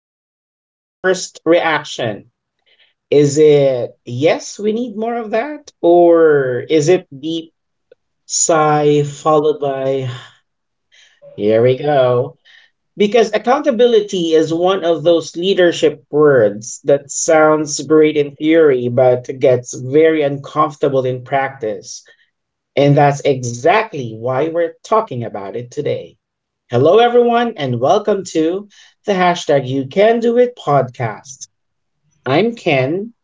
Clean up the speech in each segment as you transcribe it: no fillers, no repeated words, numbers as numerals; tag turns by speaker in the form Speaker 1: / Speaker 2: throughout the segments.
Speaker 1: what's your first reaction? Is it, yes, we need more of that? Or is it deep sigh followed by, here we go? Because accountability is one of those leadership words that sounds great in theory, but gets very uncomfortable in practice. And that's exactly why we're talking about it today. Hello, everyone, and welcome to the hashtag You Can Do It podcast. I'm Ken,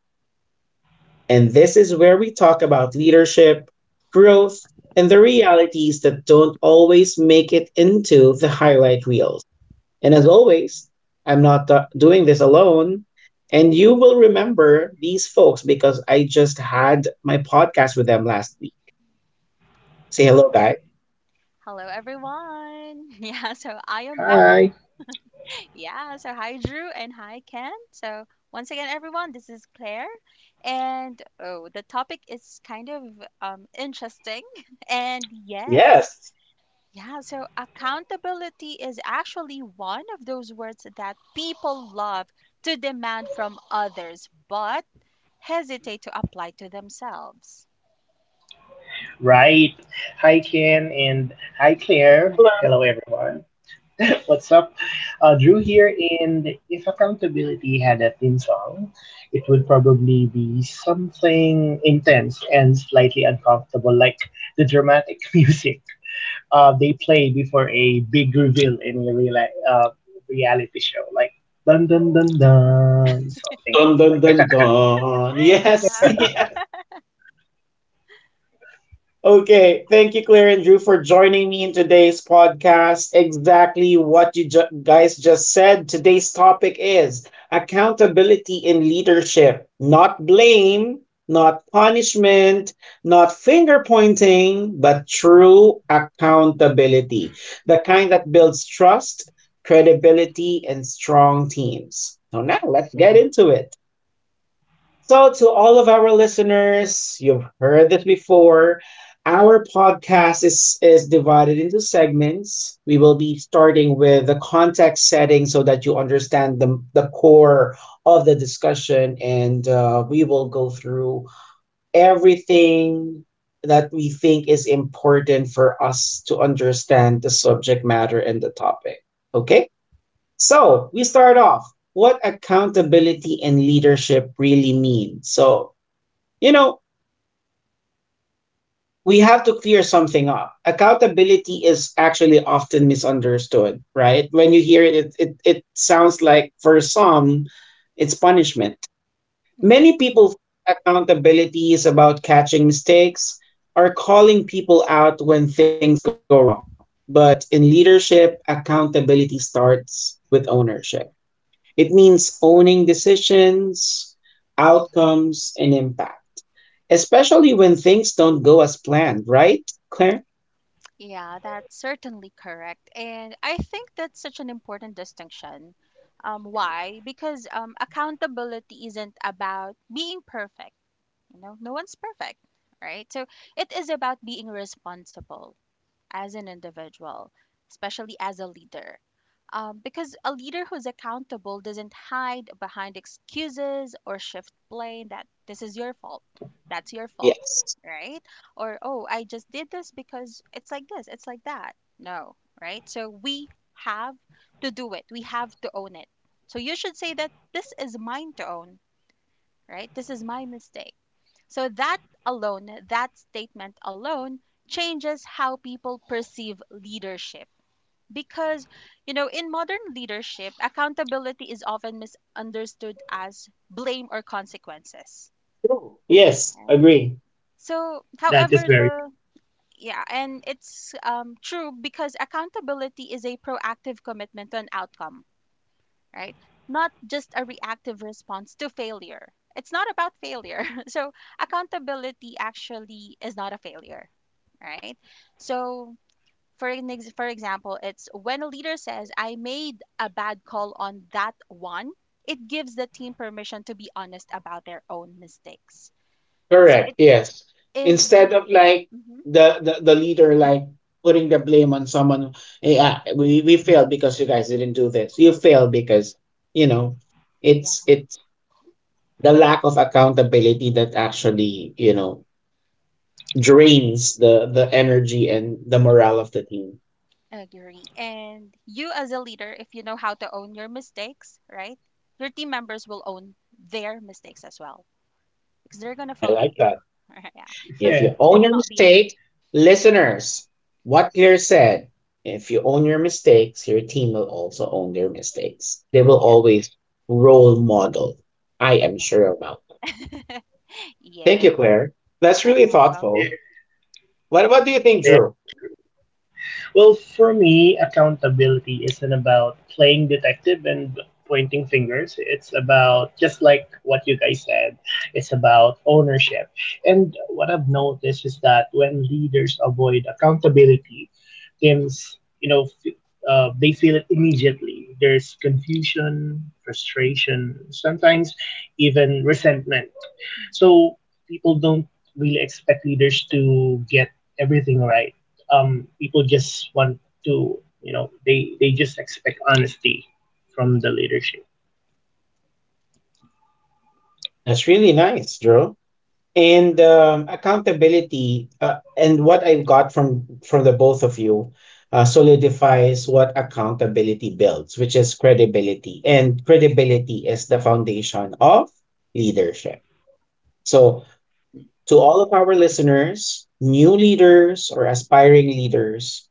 Speaker 1: and this is where we talk about leadership, growth, and the realities that don't always make it into the highlight reels. And as always, I'm not doing this alone. And you will remember these folks because I just had my podcast with them last week. Say
Speaker 2: Yeah.
Speaker 1: hello, guys.
Speaker 2: Hello, everyone. Yeah. So I am back.
Speaker 3: Hi.
Speaker 2: Yeah. So hi, Drew, and hi, Ken. So once again, everyone, this is Claire, and oh, the topic is kind of interesting. And yes,
Speaker 1: Yes.
Speaker 2: yeah. So accountability is actually one of those words that people love to demand from others, but hesitate to apply to themselves.
Speaker 3: Right. Hi, Ken, and hi, Claire. Hello, everyone. What's up? Drew here, and if accountability had a theme song, it would probably be something intense and slightly uncomfortable, like the dramatic music they play before a big reveal in a reality show, like dun dun dun dun, something
Speaker 1: Dun
Speaker 3: goes
Speaker 1: dun
Speaker 3: like
Speaker 1: dun
Speaker 3: that.
Speaker 1: dun. Yes,
Speaker 2: Yeah.
Speaker 1: yes. Okay. Thank you, Claire and Drew, for joining me in today's podcast. Exactly what you guys just said. Today's topic is accountability in leadership, not blame, not punishment, not finger pointing, but true accountability. The kind that builds trust, credibility, and strong teams. So now let's get into it. So, to all of our listeners, you've heard this before. Our podcast is divided into segments. We will be starting with the context setting so that you understand the core of the discussion, and we will go through everything that we think is important for us to understand the subject matter and the topic. Okay? So we start off what accountability and leadership really mean. So, you know, we have to clear something up. Accountability is actually often misunderstood, right? When you hear it, it sounds like for some, it's punishment. Many people think accountability is about catching mistakes or calling people out when things go wrong. But in leadership, accountability starts with ownership. It means owning decisions, outcomes, and impact, especially when things don't go as planned, right, Claire?
Speaker 2: Yeah, that's certainly correct. And I think that's such an important distinction. Why? Because accountability isn't about being perfect. No one's perfect, right? So it is about being responsible as an individual, especially as a leader. Because a leader who's accountable doesn't hide behind excuses or shift blame that this is your fault, that's your fault,
Speaker 1: Yes.
Speaker 2: right? Or, oh, I just did this because it's like this, it's like that. No, right? So we have to do it, we have to own it. So you should say that this is mine to own, right? This is my mistake. So that alone, that statement alone, changes how people perceive leadership. Because, in modern leadership, accountability is often misunderstood as blame or consequences.
Speaker 1: True. Yes.
Speaker 2: Right?
Speaker 1: Agree.
Speaker 2: So,
Speaker 3: That is
Speaker 2: however,
Speaker 3: very
Speaker 2: the
Speaker 3: true.
Speaker 2: yeah, and it's true because accountability is a proactive commitment to an outcome, right? Not just a reactive response to failure. It's not about failure. So, accountability actually is not a failure, right? So, for example, it's when a leader says, "I made a bad call on that one," it gives the team permission to be honest about their own mistakes. So
Speaker 1: Correct,
Speaker 2: it
Speaker 1: yes.
Speaker 2: is
Speaker 1: Instead of
Speaker 2: being.
Speaker 1: like,
Speaker 2: Mhm.
Speaker 1: the leader like putting the blame on someone. Yeah, we failed because you guys didn't do this. You failed because you know it's the lack of accountability that actually, you know, drains the energy and the morale of the team.
Speaker 2: Agree. And you, as a leader, if you know how to own your mistakes, right, your team members will own their mistakes as well because they're going to
Speaker 1: I
Speaker 2: follow
Speaker 1: like
Speaker 2: you.
Speaker 1: that.
Speaker 2: Yeah. So
Speaker 1: If
Speaker 3: Yeah,
Speaker 1: you
Speaker 2: they
Speaker 1: own
Speaker 2: will
Speaker 1: your
Speaker 2: not be afraid.
Speaker 1: mistake, listeners, what Claire said, if you own your mistakes, your team will also own their mistakes. They will
Speaker 2: Yeah.
Speaker 1: always role model. I am
Speaker 2: Yeah.
Speaker 1: sure about that. Thank you,
Speaker 2: Yes.
Speaker 1: Claire. That's
Speaker 2: You're
Speaker 1: really
Speaker 2: welcome.
Speaker 1: thoughtful.
Speaker 3: ve-
Speaker 1: What do you think, Drew?
Speaker 3: very true. Well, for me, accountability isn't about playing detective and pointing fingers. It's about, just like what you guys said, it's about ownership. And what I've noticed is that when leaders avoid accountability, teams, they feel it immediately. There's confusion, frustration, sometimes even resentment. So people don't really expect leaders to get everything right. People just want to, they just expect honesty from the leadership.
Speaker 1: That's really nice, Drew. And accountability and what I got from the both of you solidifies what accountability builds, which is credibility, and credibility is the foundation of leadership. So to all of our listeners, new leaders or aspiring leaders,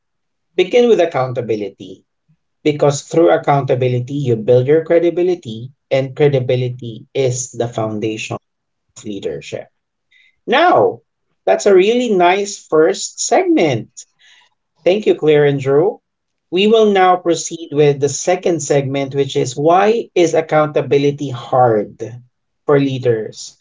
Speaker 1: begin with accountability, because through accountability you build your credibility, and credibility is the foundation of leadership. Now, that's a really nice first segment. Thank you, Claire and Drew. We will now proceed with the second segment, which is, why is accountability hard for leaders?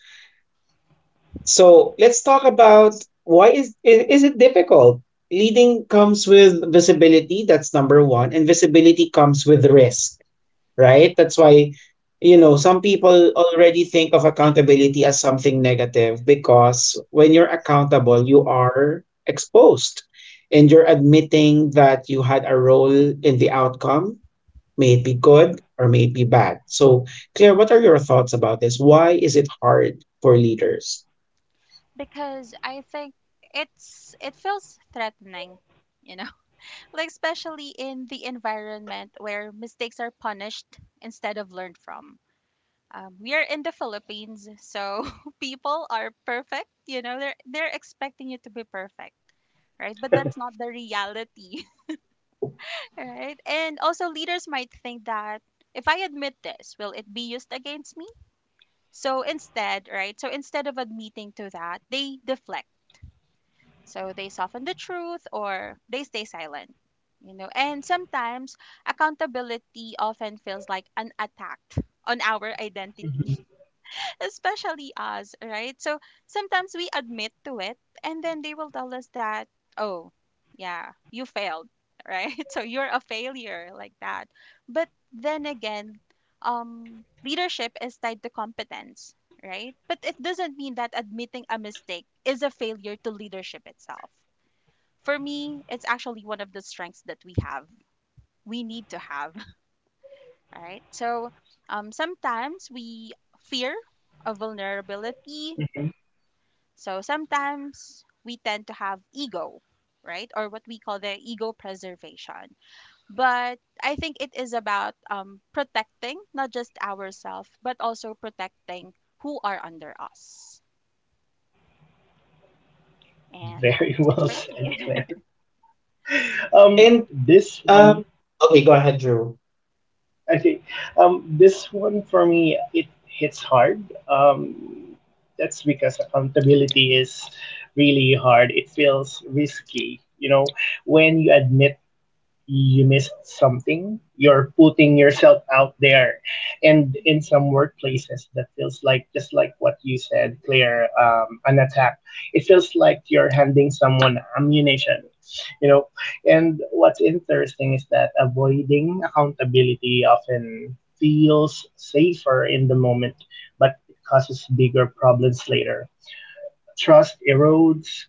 Speaker 1: So let's talk about why is is it difficult? Leading comes with visibility, that's number one, and visibility comes with risk, right? That's why, you know, some people already think of accountability as something negative, because when you're accountable, you are exposed and you're admitting that you had a role in the outcome, may it be good or may it be bad. So, Claire, what are your thoughts about this? Why is it hard for leaders?
Speaker 2: Because I think it feels threatening, you know, like especially in the environment where mistakes are punished instead of learned from. We are in the Philippines, so people are perfect. They're expecting you to be perfect, right? But that's not the reality, right? And also, leaders might think that if I admit this, will it be used against me? So instead, right? So instead of admitting to that, they deflect. So they soften the truth or they stay silent. And sometimes accountability often feels like an attack on our identity
Speaker 3: Hmm.
Speaker 2: especially us, right? So sometimes we admit to it and then they will tell us that, oh, yeah, you failed, right? So you're a failure like that. But then again, leadership is tied to competence, right? But it doesn't mean that admitting a mistake is a failure to leadership itself. For me, it's actually one of the strengths that we have. We need to have, right? So sometimes we fear of vulnerability
Speaker 3: Hmm.
Speaker 2: so sometimes we tend to have ego, right? Or what we call the ego preservation. But I think it is about protecting not just ourselves, but also protecting who are under us. And
Speaker 3: Very
Speaker 2: that's it
Speaker 3: well
Speaker 2: for
Speaker 3: said,
Speaker 2: me.
Speaker 3: Claire.
Speaker 1: And
Speaker 3: This one,
Speaker 1: um, okay, go ahead, Drew.
Speaker 3: okay, this one for me it hits hard. Um, that's because accountability is really hard. It feels risky, when you admit you missed something. You're putting yourself out there. And in
Speaker 2: Hmm.
Speaker 3: some workplaces, that feels like, just like what you said, Claire, an attack. It feels like you're handing someone ammunition, you know. And what's interesting is that avoiding accountability often feels safer in the moment, but it causes bigger problems later: trust erodes,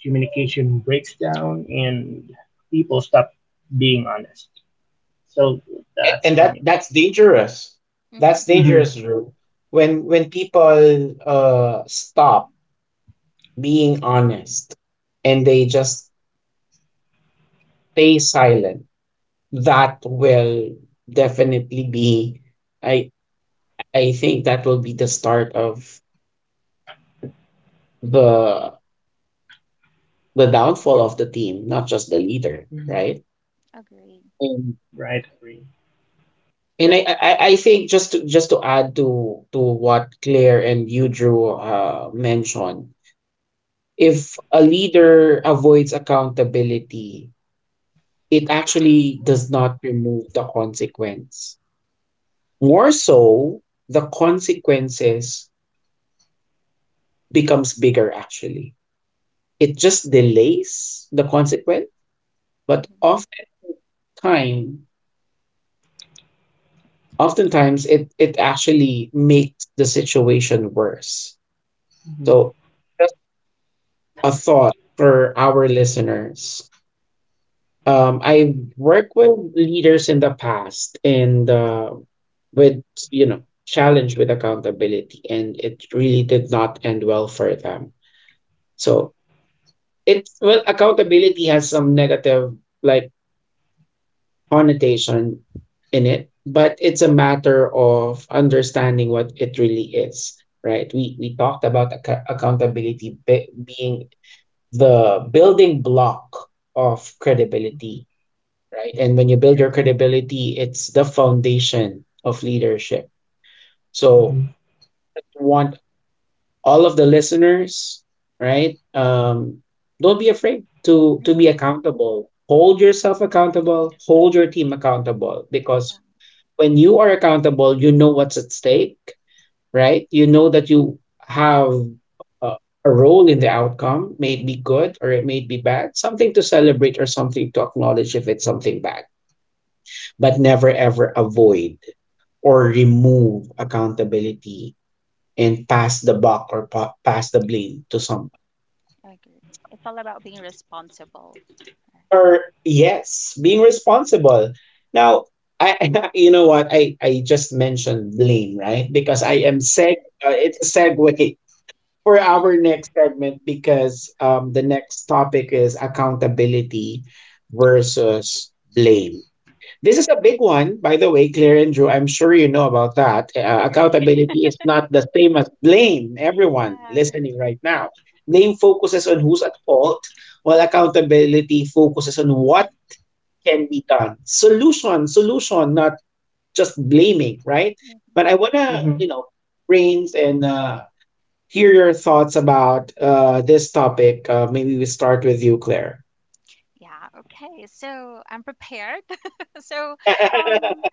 Speaker 3: communication breaks down, and people stop being honest. So
Speaker 1: A-
Speaker 3: that's
Speaker 1: And
Speaker 3: for
Speaker 1: That
Speaker 3: me.
Speaker 1: that's dangerous.
Speaker 2: Hmm.
Speaker 1: That's
Speaker 3: Mm-hmm.
Speaker 1: dangerous, Drew. When people stop being honest and they just stay silent, that will definitely be, I I think that will be the start of the the downfall of the team, not just the leader,
Speaker 3: Mhm.
Speaker 1: right?
Speaker 2: Agree.
Speaker 1: And
Speaker 3: Right? Agree.
Speaker 1: I think just to add to what Claire and you, Drew, mentioned, if a leader avoids accountability, it actually does not remove the consequence. More so, the consequences becomes bigger actually. It just delays the consequence. But
Speaker 2: Hmm.
Speaker 1: time, oftentimes it actually makes the situation worse. So just a thought for our listeners. I've worked with leaders in the past, and with, you know, challenge with accountability, and it really did not end well for them. So it's, well, accountability has some negative like connotation in it, but it's a matter of understanding what it really is, right? We talked about accountability being the building block of credibility,
Speaker 3: Mhm.
Speaker 1: right? And when you build your
Speaker 3: Yes.
Speaker 1: credibility, it's the foundation of leadership. So,
Speaker 3: Mhm.
Speaker 1: we want all of the listeners, right? Don't be afraid to be
Speaker 2: Hmm.
Speaker 1: accountable. Hold yourself accountable. Hold your team accountable, because when you are accountable, you know what's at stake, right? You know that you have a, a role in the outcome, may it be good or it may be bad, something to celebrate or something to acknowledge if it's something bad, but never ever avoid or remove accountability and pass the buck or pass the blame to someone.
Speaker 2: Yeah, agree. It's all about being responsible. Right.
Speaker 1: Or yes, being responsible. Now, I, you know what, I just mentioned blame, right? Because I am
Speaker 2: Hmm.
Speaker 1: seg it's a segue for our next segment, because the next topic is accountability versus blame. This is a big one, by the way, Claire and Drew. I'm sure you know about that.
Speaker 2: Agree.
Speaker 1: Accountability is not the same as blame, everyone
Speaker 2: Yeah.
Speaker 1: listening right now. Blame focuses on who's at fault, while accountability focuses on what can be done. Solution, solution, not just blaming, right? But
Speaker 2: Hmm.
Speaker 1: I want to, you
Speaker 3: Mm-hmm.
Speaker 1: know, brains and hear your thoughts about this topic. Maybe we start with you, Claire.
Speaker 2: Yeah. Okay. So I'm prepared. So, um,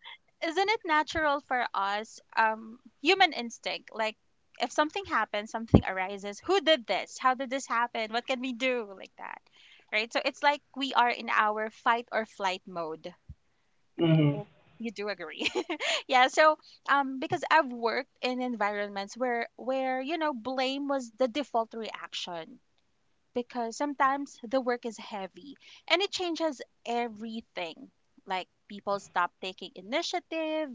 Speaker 2: isn't it natural for us, human instinct? Like, if something happens, something arises. Who did this? How did this happen? What can we do? Like that, right? So it's like we are in our fight or flight mode, right?
Speaker 3: Mm-hmm.
Speaker 2: If you do agree, yeah. So, because I've worked in environments where blame was the default reaction because sometimes the work is heavy and it changes everything. Like people stop taking initiative,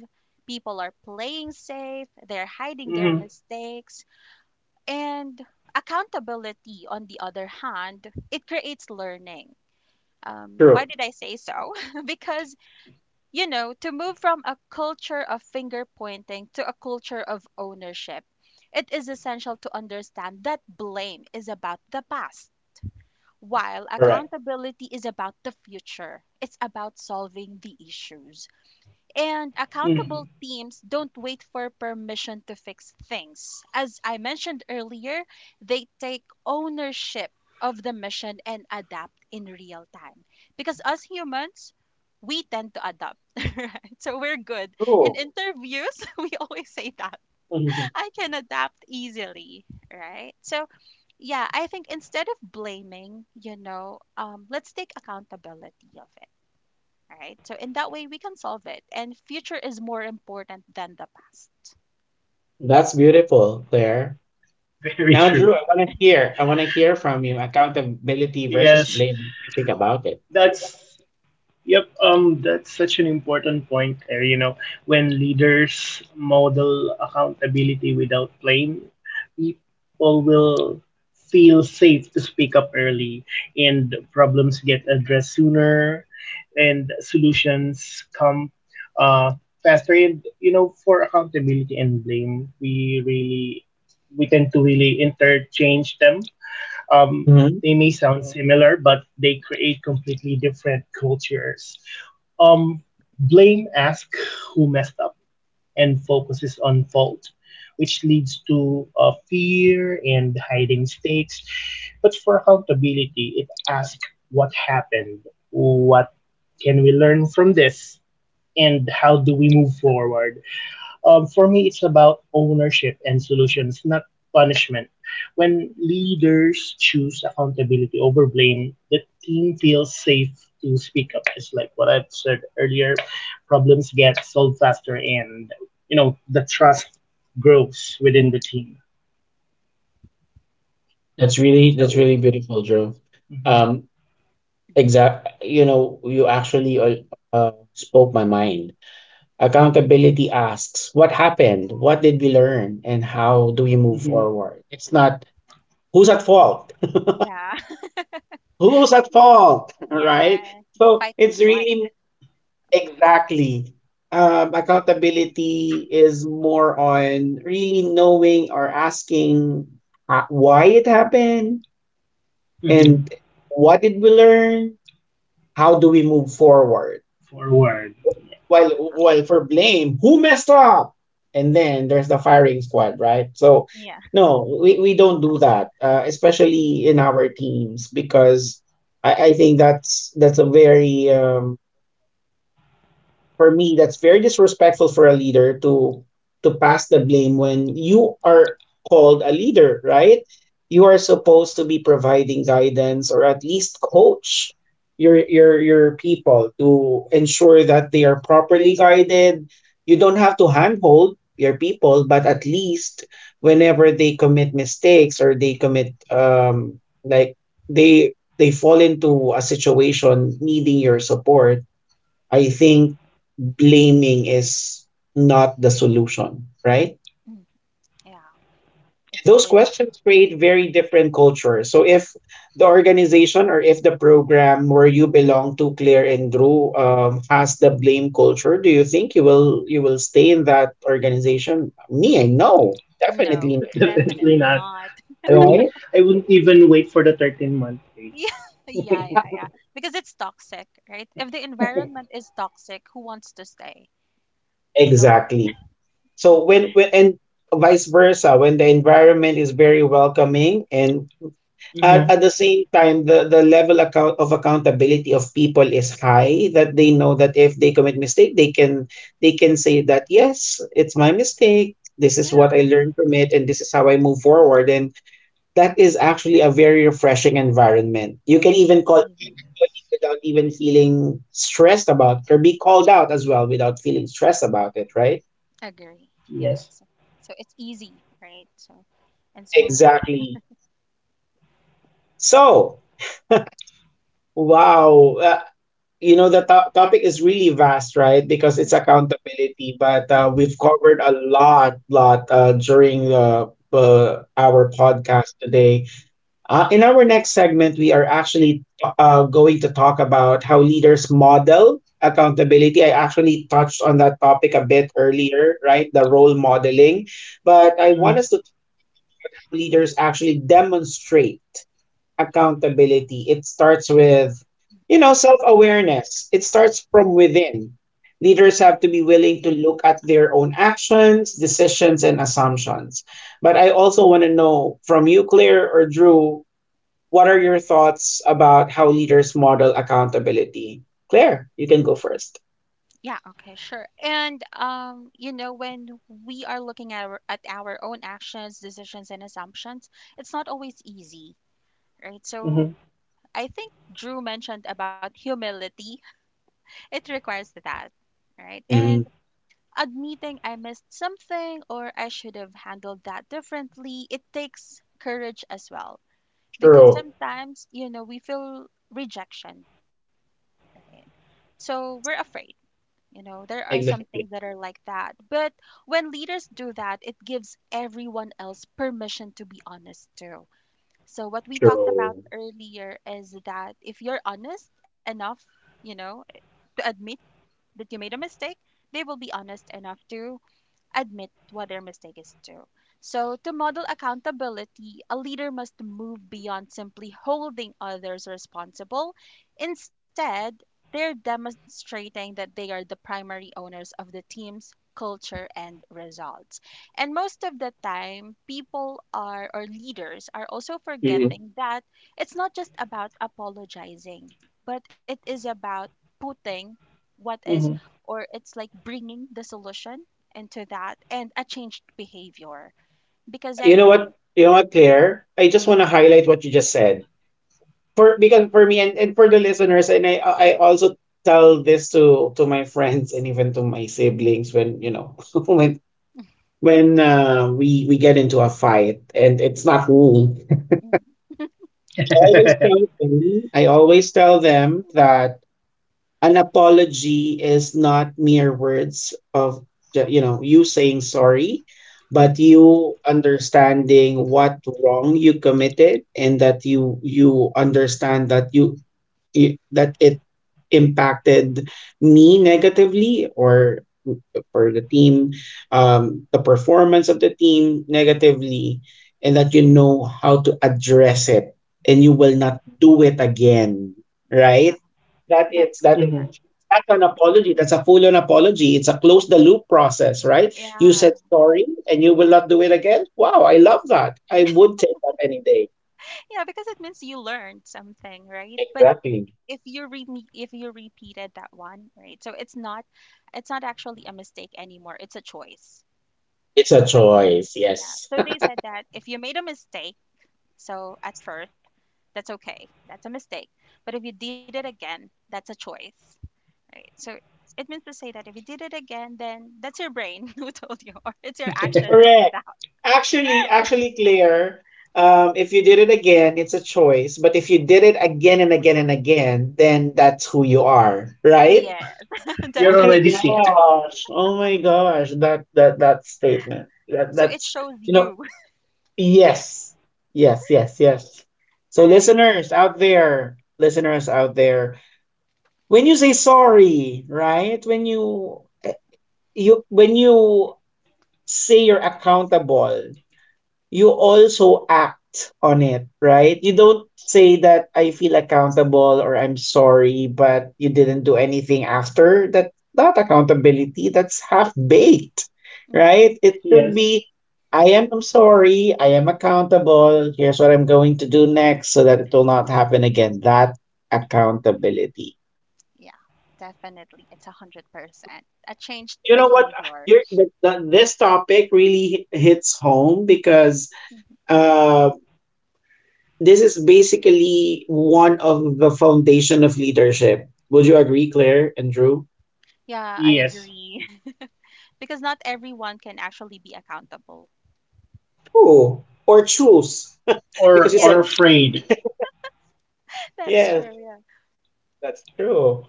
Speaker 2: people are playing safe, they're hiding their
Speaker 3: Mm-hmm.
Speaker 2: mistakes, and accountability, on the other hand, it creates learning. Um,
Speaker 1: True.
Speaker 2: why did I say so? Because, to move from a culture of finger pointing to a culture of ownership, it is essential to understand that blame is about the past while
Speaker 1: Correct.
Speaker 2: accountability is about the future, it's about solving the issues. And
Speaker 3: Mm-hmm.
Speaker 2: accountable teams don't wait for permission to fix things. As I mentioned earlier, they take ownership of the mission and adapt in real time. Because us humans, we tend to adapt, right? So we're good. In
Speaker 1: Cool.
Speaker 2: interviews, we always say that I can adapt easily, right? So, yeah, I think instead of blaming, let's take accountability of it, right? So, in that way, we can solve it, and future is more important than the past.
Speaker 1: That's beautiful, Claire.
Speaker 3: Very true.
Speaker 1: Now, Drew, I want to hear. I want to hear from you. Accountability versus
Speaker 3: Yes.
Speaker 1: blame. What do you think about it?
Speaker 3: That's Yep, that's such an important point. When leaders model accountability without blame, people will feel safe to speak up early, and problems get addressed sooner, and solutions come uh, faster. And for accountability and blame, we tend to really interchange them.
Speaker 1: Mhm.
Speaker 3: They may sound similar, but they create completely different cultures. Um, Blame asks who messed up and focuses on fault, which leads to fear and hiding mistakes. But for accountability, it asks what happened, what can we learn from this, and how do we move forward. For me, it's about ownership and solutions, not punishment. When leaders choose accountability over blame, the team feels safe to speak up. It's like what I've said earlier: problems get solved faster, and the trust grows within the team.
Speaker 1: That's really
Speaker 3: So,
Speaker 1: beautiful,
Speaker 3: yeah.
Speaker 1: Drew.
Speaker 3: Hmm.
Speaker 1: Um, exact. You know, you actually spoke my mind. Accountability asks, what happened? What did we learn? And how do we move
Speaker 3: Hmm.
Speaker 1: forward? It's not who's at fault,
Speaker 2: Yeah.
Speaker 1: right?
Speaker 2: Yeah. The
Speaker 1: So
Speaker 2: fight and
Speaker 1: it's
Speaker 2: flight.
Speaker 1: really exactly. Accountability is more on really knowing or asking why it happened,
Speaker 3: Hmm.
Speaker 1: and what did we learn? How do we move forward?
Speaker 3: Forward. Yeah.
Speaker 1: While for blame, who messed up? And then there's the firing squad, right? So,
Speaker 2: Yeah.
Speaker 1: no, we don't do that, especially in our teams, because I think that's a very for me, that's very disrespectful for a leader to pass the blame when you are called a leader, right? You are supposed to be providing guidance or at least coach your people to ensure that they are properly guided. You don't have to handhold your people, but at least whenever they commit mistakes or they commit like they fall into a situation needing your support, I think blaming is not the solution, right?
Speaker 2: Mm, yeah, it's
Speaker 1: Those
Speaker 2: always
Speaker 1: questions create very different cultures. So if the organization or if the program where you belong to, Claire and Drew, has the blame culture, do you think you will stay in that organization? Me, I know
Speaker 2: no.
Speaker 1: definitely not,
Speaker 3: Definitely
Speaker 2: Definitely
Speaker 3: not.
Speaker 2: not.
Speaker 3: I wouldn't,
Speaker 1: right?
Speaker 3: even wait for the 13 month phase.
Speaker 2: Yeah, yeah, yeah, yeah. Because it's toxic, right? If the environment is toxic, who wants to stay? No one.
Speaker 1: Exactly. So when and vice versa, when the environment is very welcoming, and at,
Speaker 3: Mm-hmm.
Speaker 1: the same time, the level account of accountability of people is high, that they know that if they commit mistake, they can say that yes, it's my mistake. This is what I
Speaker 2: Yeah,
Speaker 1: learned from it, and this is how I move forward. And that is actually a very refreshing environment. You can
Speaker 2: it's
Speaker 1: even call
Speaker 2: easy.
Speaker 1: colleague without even feeling stressed about it, or be called out as well without feeling stressed about it, right?
Speaker 2: Agree. Yeah,
Speaker 3: Yes.
Speaker 2: it's so it's easy, right? So and smooth.
Speaker 1: Exactly. So, wow. You know the topic is really vast, right? Because it's
Speaker 2: Mm.
Speaker 1: accountability, but we've covered a lot lot during our podcast today. In our next segment, we are actually going to talk about how leaders model accountability. I actually touched on that topic a bit earlier, right, the role modeling, but I want
Speaker 3: Mm-hmm.
Speaker 1: us to, leaders actually demonstrate accountability. It starts with, you know, self awareness. It starts from within. Leaders have to be willing to look at their own actions, decisions, and assumptions. But I also want to know from you, Claire or Drew, what are your thoughts about how leaders model accountability? Claire, you can go first.
Speaker 2: Yeah, okay, sure. And when we are looking at our own actions, decisions, and assumptions, it's not always easy, right? So
Speaker 3: Mm-hmm.
Speaker 2: I think Drew mentioned about humility. It requires that, right?
Speaker 1: Mm-hmm.
Speaker 2: And admitting I missed something or I should have handled that differently, it takes courage as well. Because
Speaker 1: True.
Speaker 2: sometimes, we feel rejection. Right. So we're afraid. There are some
Speaker 1: Exactly.
Speaker 2: things that are like that. But when leaders do that, it gives everyone else permission to be honest too. So what we talked about
Speaker 1: True.
Speaker 2: earlier is that if you're honest enough, you know, to admit that you made a mistake, they will be honest enough to admit what their mistake is too. So, to model accountability, a leader must move beyond simply holding others responsible. Instead, they're demonstrating that they are the primary owners of the team's culture and results. And most of the time, people are, or leaders are also
Speaker 1: Mm-hmm.
Speaker 2: forgetting that it's not just about apologizing, but it is about putting what is,
Speaker 3: Mm-hmm.
Speaker 2: or it's like bringing the solution into that and a changed behavior because
Speaker 1: You
Speaker 2: I
Speaker 1: know
Speaker 2: think.
Speaker 1: what? You know what,
Speaker 2: Mhm.
Speaker 1: Claire? I just want to highlight what you just said. For, because for me and, for the listeners, and I also tell this to my friends and even to my siblings, when, you know, when we get into a fight and it's not rule.
Speaker 2: Mhm.
Speaker 1: I always tell them that an apology is not mere words of you saying sorry, but
Speaker 2: Mhm.
Speaker 1: you understanding what wrong you committed, and that you understand that you that it impacted me negatively, or for the team, the performance of the team negatively, and that you know how to address it and you
Speaker 2: Mhm.
Speaker 1: will not do it again,
Speaker 2: Yeah,
Speaker 1: right? that
Speaker 2: that's
Speaker 1: is that
Speaker 2: correct.
Speaker 1: is
Speaker 3: Hmm.
Speaker 1: that's an apology. That's a full on apology. It's a close the loop process, right? You
Speaker 2: Yeah,
Speaker 1: said
Speaker 2: yeah,
Speaker 1: sorry and you will not do it again. Wow, I love that. I would take that any day.
Speaker 2: yeah, because it means you learned something, right? But
Speaker 1: Exactly.
Speaker 2: if you re if you repeated that one, right? So it's not actually a mistake anymore. It's a choice.
Speaker 1: It's a
Speaker 2: So
Speaker 1: choice.
Speaker 2: yeah.
Speaker 1: Yes.
Speaker 2: So they said that if you made a mistake, so at first, that's okay. That's a mistake. But if you did it again, that's a choice. Right? So it means to say that if you did it again, then that's your brain who told you, or it's your action that did
Speaker 1: Correct.
Speaker 2: that.
Speaker 1: Actually, Claire, if you did it again, it's a choice. But if you did it again and again and again, then that's who you are, right?
Speaker 2: Yes,
Speaker 1: Oh
Speaker 3: You're
Speaker 1: my
Speaker 3: already
Speaker 2: definitely. Yeah.
Speaker 3: sick.
Speaker 1: gosh. Oh my gosh. That statement. That
Speaker 2: So it
Speaker 1: that's
Speaker 2: shows
Speaker 1: you know
Speaker 2: you,
Speaker 1: Yes. Yes, yes, yes. So
Speaker 2: right?
Speaker 1: listeners out there, when you say sorry, right? When you say you're accountable, you also act on it, right? You don't say that I feel accountable or I'm sorry, but you didn't do anything after. That's not accountability. That's half baked,
Speaker 2: Hmm.
Speaker 1: right? It should
Speaker 3: Yes.
Speaker 1: be I am sorry. I am accountable. Here's what I'm going to do next so that it will not happen again. That accountability.
Speaker 2: Yeah, definitely. It's 100% a changed
Speaker 1: You know what?
Speaker 2: behavior.
Speaker 1: This topic really hits home because
Speaker 2: Mhm.
Speaker 1: this is basically one of the foundation of leadership. Would you agree, Claire and Drew?
Speaker 2: Yeah, I
Speaker 3: Yes.
Speaker 2: agree. Because not everyone can actually be accountable.
Speaker 1: True. Or choose. because
Speaker 3: Or
Speaker 1: you
Speaker 2: Yeah,
Speaker 3: or
Speaker 1: said,
Speaker 3: afraid.
Speaker 2: that's
Speaker 1: yes,
Speaker 2: true. Yeah.
Speaker 1: that's true.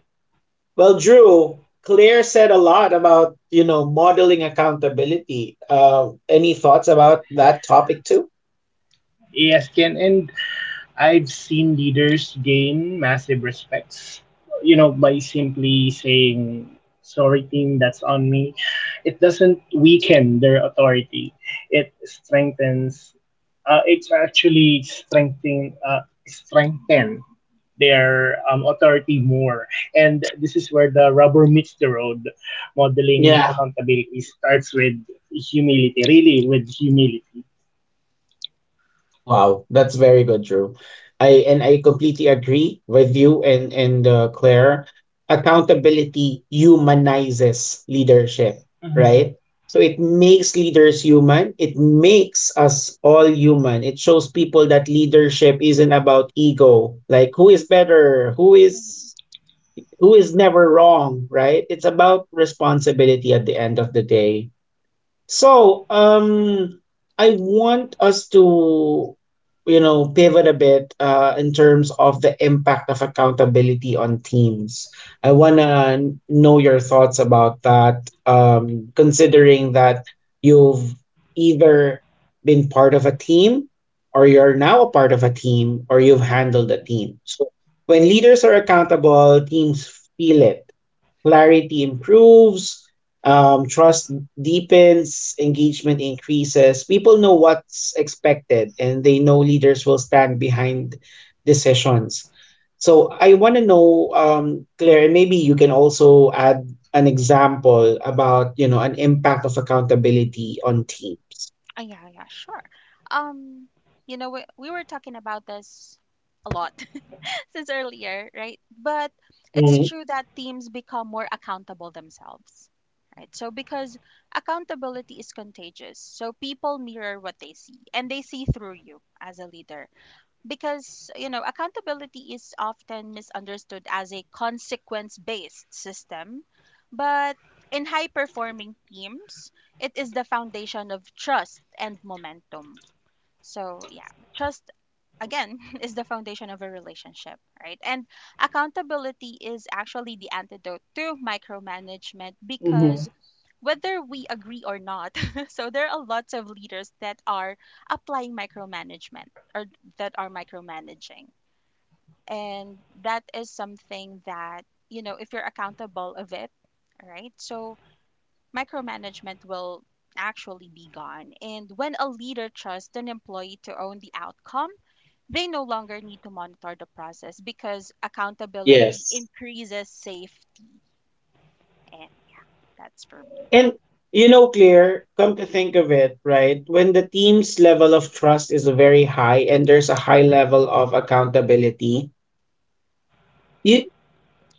Speaker 1: Well, Drew, Claire said a lot about, you know, modeling accountability. Any thoughts about that topic too?
Speaker 3: Yes. Can and I've seen leaders gain massive respects, by simply saying, sorry, team, that's on me. It doesn't weaken their authority, it strengthens, it's actually strengthening, strengthen their authority more. And this is where the rubber meets the road. Modeling accountability starts with humility, really, with humility.
Speaker 1: Wow, that's very good, Drew. I, and I completely agree with you and Claire. Accountability humanizes leadership,
Speaker 3: Hmm.
Speaker 1: right? So it makes leaders human. It makes us all human. It shows people that leadership isn't about ego, like who is better,
Speaker 2: Hmm.
Speaker 1: who is never wrong, right? It's about responsibility at the end of the day. So, I want us to, you know, pivot a bit in terms of the impact of accountability on teams. I want to know your thoughts about that, considering that you've either been part of a team, or you're now a part of a team, or you've handled a team. So, when leaders are accountable, teams feel it. Clarity improves, trust deepens, engagement increases, people know what's expected and they know leaders will stand behind decisions. So I want to know, Claire, and maybe you can also add an example about, you know, an impact of accountability on teams.
Speaker 2: Yeah, yeah, sure. Um, you know, we were talking about this a lot since earlier, right? But it's
Speaker 1: Mhm.
Speaker 2: true that teams become more accountable themselves, right? So because accountability is contagious, so people mirror what they see and they see through you as a leader. Because, accountability is often misunderstood as a consequence-based system, but in high-performing teams, it is the foundation of trust and momentum. So, yeah, trust again is the foundation of a relationship, right? And accountability is actually the antidote to micromanagement
Speaker 3: Mm-hmm.
Speaker 2: because whether we agree or not, so there are lots of leaders that are applying micromanagement or that are micromanaging. And that is something that if you're accountable of it. All right, so micromanagement will actually be gone. And when a leader trusts an employee to own the outcome, they no longer need to monitor the process because accountability
Speaker 1: Yes.
Speaker 2: increases safety. And that's for me.
Speaker 1: And you know, Claire, come to think of it, right? When the team's level of trust is very high and there's a high
Speaker 2: Hmm.
Speaker 1: level of accountability, you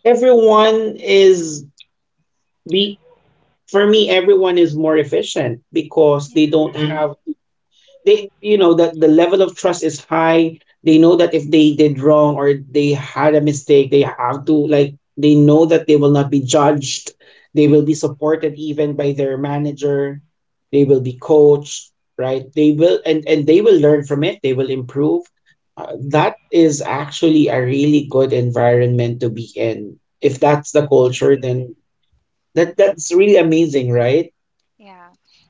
Speaker 1: everyone is be for me everyone is more efficient because they
Speaker 2: Yeah.
Speaker 1: don't
Speaker 3: Mm-hmm.
Speaker 1: have they you know that the level of trust is high, they know that if they did wrong or they had a mistake, they have to, like, they know that they will not be judged, they will
Speaker 2: Hmm.
Speaker 1: be supported even by their manager, they will be coached, right? They will and and they will learn from it, they will improve. That is actually a really good environment to be in. If that's the culture,
Speaker 3: Definitely.
Speaker 1: then that's really amazing, right?
Speaker 2: Yeah.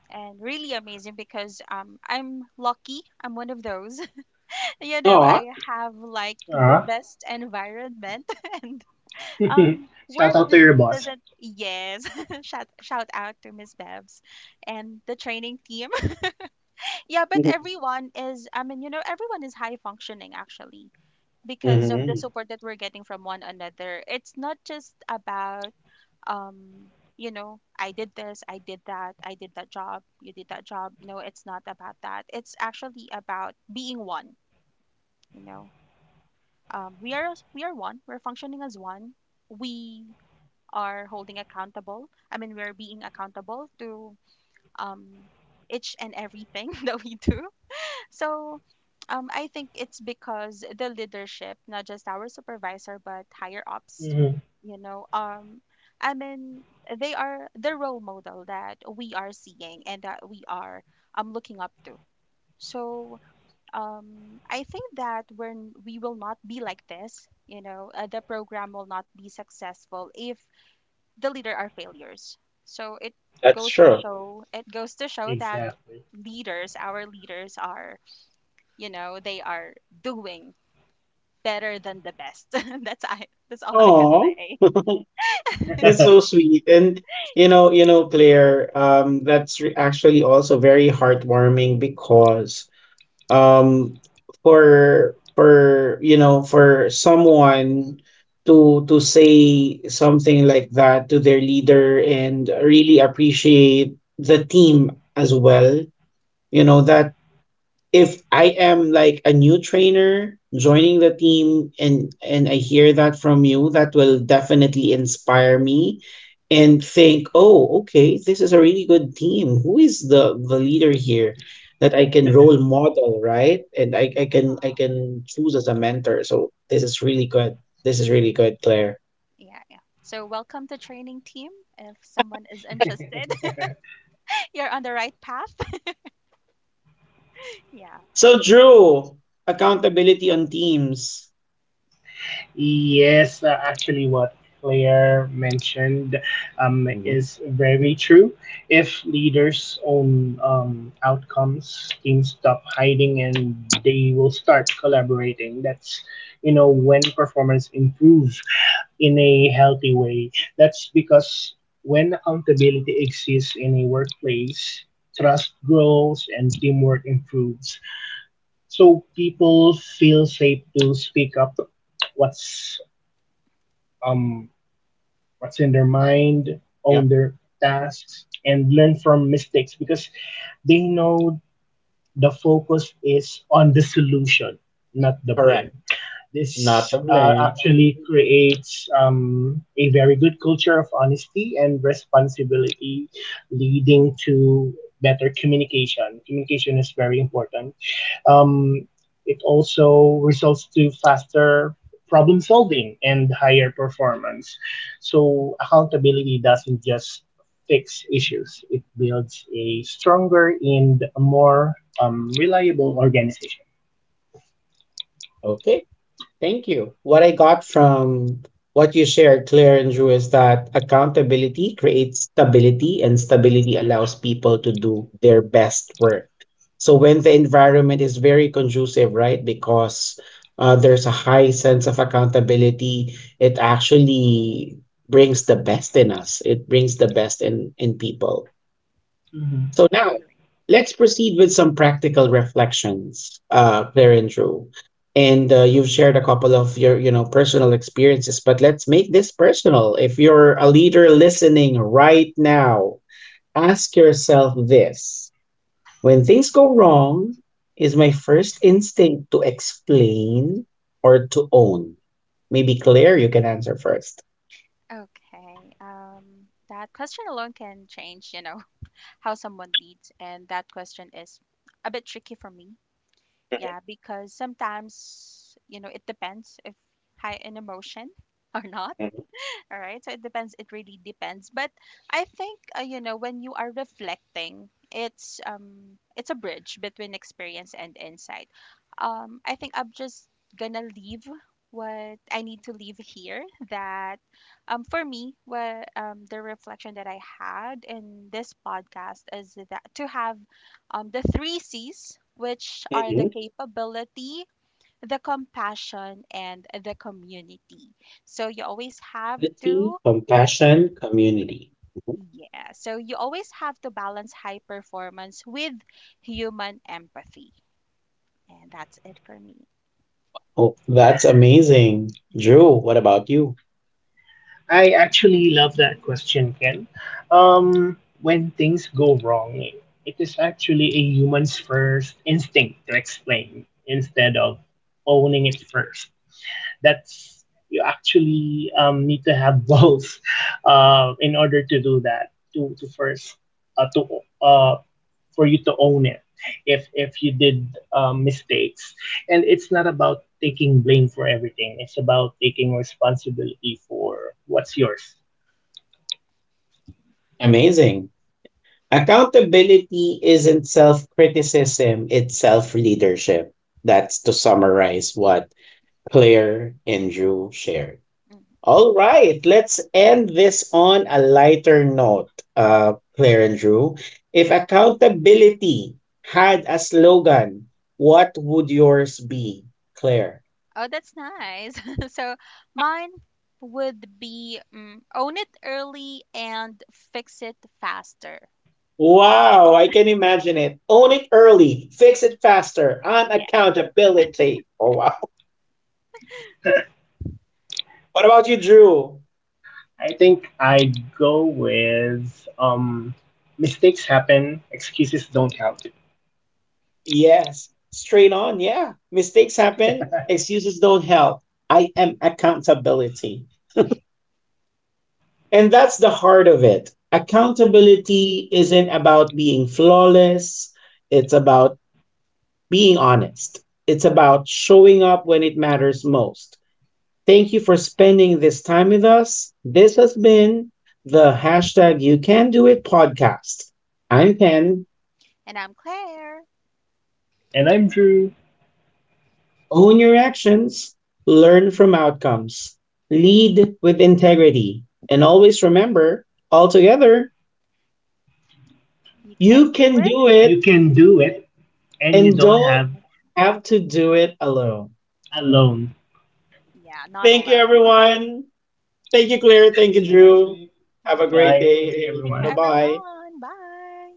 Speaker 2: And really amazing because I'm lucky. I'm one of those.
Speaker 1: Aw.
Speaker 2: I have like the
Speaker 3: Ah.
Speaker 2: best environment and work
Speaker 3: Shout out to your
Speaker 2: doesn't,
Speaker 3: boss.
Speaker 2: doesn't yes. Shout out to Miss Bevs and the training team. Yeah, but I mean, everyone is high functioning actually because of the
Speaker 1: Hmm.
Speaker 2: support that we're getting from one another. It's not just about um I did this, I did that job, you did that job. No, it's not about that. It's actually about being one, you know. We are one. We're functioning as one. We are holding accountable. I mean, we're being accountable to um each and everything that we do. So I think it's because the leadership, not just our supervisor, but higher ups,
Speaker 3: Mhm.
Speaker 2: you know, um, I mean, they are the role model that we are seeing and that we are looking up to. So I think that when we will not be like this, the program will not be successful if the leader are failures. So it
Speaker 1: That's
Speaker 2: goes to
Speaker 1: true.
Speaker 2: show, it goes to show that
Speaker 3: Exactly.
Speaker 2: leaders, our leaders are doing better than the best. that's I that's all I could
Speaker 1: Oh,
Speaker 2: say.
Speaker 1: that's so sweet. And you
Speaker 2: Yeah.
Speaker 1: know, Claire, that's actually also very heartwarming, because um for you know, for someone to say something like that to their leader and really appreciate the team as well. You know that if I am like a new trainer joining the team, and I hear that from you, that will definitely inspire me and think, oh, okay, this is a really good team. Who is the leader here that I can role model, right? And
Speaker 2: Yeah.
Speaker 1: I can, I can choose as a mentor. So this is really good. This is really good, Claire.
Speaker 2: Yeah. Yeah. So welcome to training team. If someone is interested, you're on the right path. Yeah,
Speaker 1: So Drew, accountability on teams.
Speaker 3: Yes, actually, what Claire mentioned
Speaker 1: Hmm.
Speaker 3: is very true. If leaders own outcomes, teams stop hiding and they will start collaborating. That's when performance improves in a healthy way. That's because when accountability exists in a workplace, trust grows and teamwork improves. So people feel safe to speak up what's um what's in their mind,
Speaker 1: Yep.
Speaker 3: own their tasks, and learn from mistakes because they know the focus is on the solution, not the blame.
Speaker 1: Correct. Not
Speaker 3: This
Speaker 1: to blame.
Speaker 3: actually creates a very good culture of honesty and responsibility, leading to better communication. Communication is very important. Um, it also results to faster problem solving and higher performance. So accountability doesn't just fix issues; it builds a stronger and more reliable organization.
Speaker 1: Okay. Thank you. What I got from what you shared, Claire and Drew, is that accountability creates stability, and stability allows people to do their best work. So when the environment is very conducive, right, because there's a high sense of accountability, it actually brings the best in us. It brings the best in people.
Speaker 3: Mhm.
Speaker 1: So now
Speaker 2: agree.
Speaker 1: let's proceed with some practical reflections, Claire and Drew. And you've shared a couple of your, you know, personal experiences, but let's make this personal. If you're a leader listening right now, ask yourself this: when things go wrong, is my first instinct to explain or to own? Maybe Claire, you can answer first.
Speaker 2: Okay. That question alone can change, how someone leads and that question is a bit tricky for me. Yeah, because sometimes, it depends if high in emotion or not.
Speaker 1: Mhm.
Speaker 2: All right. So it depends. It really depends. But I think when you are reflecting, it's a bridge between experience and insight. I think I'm just gonna leave what I need to leave here. That for me, what the reflection that I had in this podcast is that to have the three C's, which are the
Speaker 1: Mhm.
Speaker 2: capability, the compassion and the community. So you always have
Speaker 1: Empathy,
Speaker 2: to
Speaker 1: compassion, community.
Speaker 2: yeah, so you always have to balance high performance with human empathy. And that's it for me.
Speaker 1: Oh, that's amazing. Drew, what about you?
Speaker 3: I actually love that question, Ken. When things go wrong, it is actually a human's first instinct to explain instead of owning it first. That's, you actually need to have balls in order to do that, to first to for you to own it. If you did mistakes, and it's not about taking blame for everything, it's about taking responsibility for what's yours.
Speaker 1: Amazing. Accountability isn't self criticism, it's self leadership. That's to summarize what Claire and Drew shared.
Speaker 2: Mm.
Speaker 1: All right, let's end this on a lighter note, Claire and Drew. If accountability had a slogan, what would yours be, Claire?
Speaker 2: Oh, that's nice. So mine would be own it early and fix it faster.
Speaker 1: Wow, I can imagine it. Own it early, fix it faster. I'm
Speaker 2: Yeah.
Speaker 1: accountability. Oh, wow. What about you, Drew?
Speaker 3: I think I'd go with mistakes happen, excuses don't count.
Speaker 1: Yes, straight on. Yeah, mistakes happen, excuses don't help. I am accountability. And that's the heart of it. Accountability isn't about being flawless, it's about being honest, it's about showing up when it matters most. Thank you for spending this time with us. This has been the hashtag You Can Do It podcast. I'm Ken.
Speaker 2: And I'm Claire.
Speaker 3: And I'm Drew.
Speaker 1: Own your actions, learn from outcomes, lead with integrity, and always remember, all together,
Speaker 2: You can
Speaker 1: you
Speaker 2: do
Speaker 1: can
Speaker 2: it.
Speaker 1: do
Speaker 3: You
Speaker 1: it,
Speaker 3: can do it. And you
Speaker 1: and
Speaker 3: don't
Speaker 1: don't
Speaker 3: have
Speaker 1: have to do it alone.
Speaker 3: alone.
Speaker 2: Yeah, not
Speaker 1: Thank you,
Speaker 2: alone.
Speaker 1: everyone. Thank you, Claire. Thank you,
Speaker 3: See you next
Speaker 1: Drew.
Speaker 3: week.
Speaker 2: Yeah,
Speaker 1: Have a
Speaker 2: thank
Speaker 1: great
Speaker 3: Goodbye. Thank you,
Speaker 1: day.
Speaker 2: thank you,
Speaker 1: Bye
Speaker 3: everyone.
Speaker 1: bye.
Speaker 2: everyone. Bye.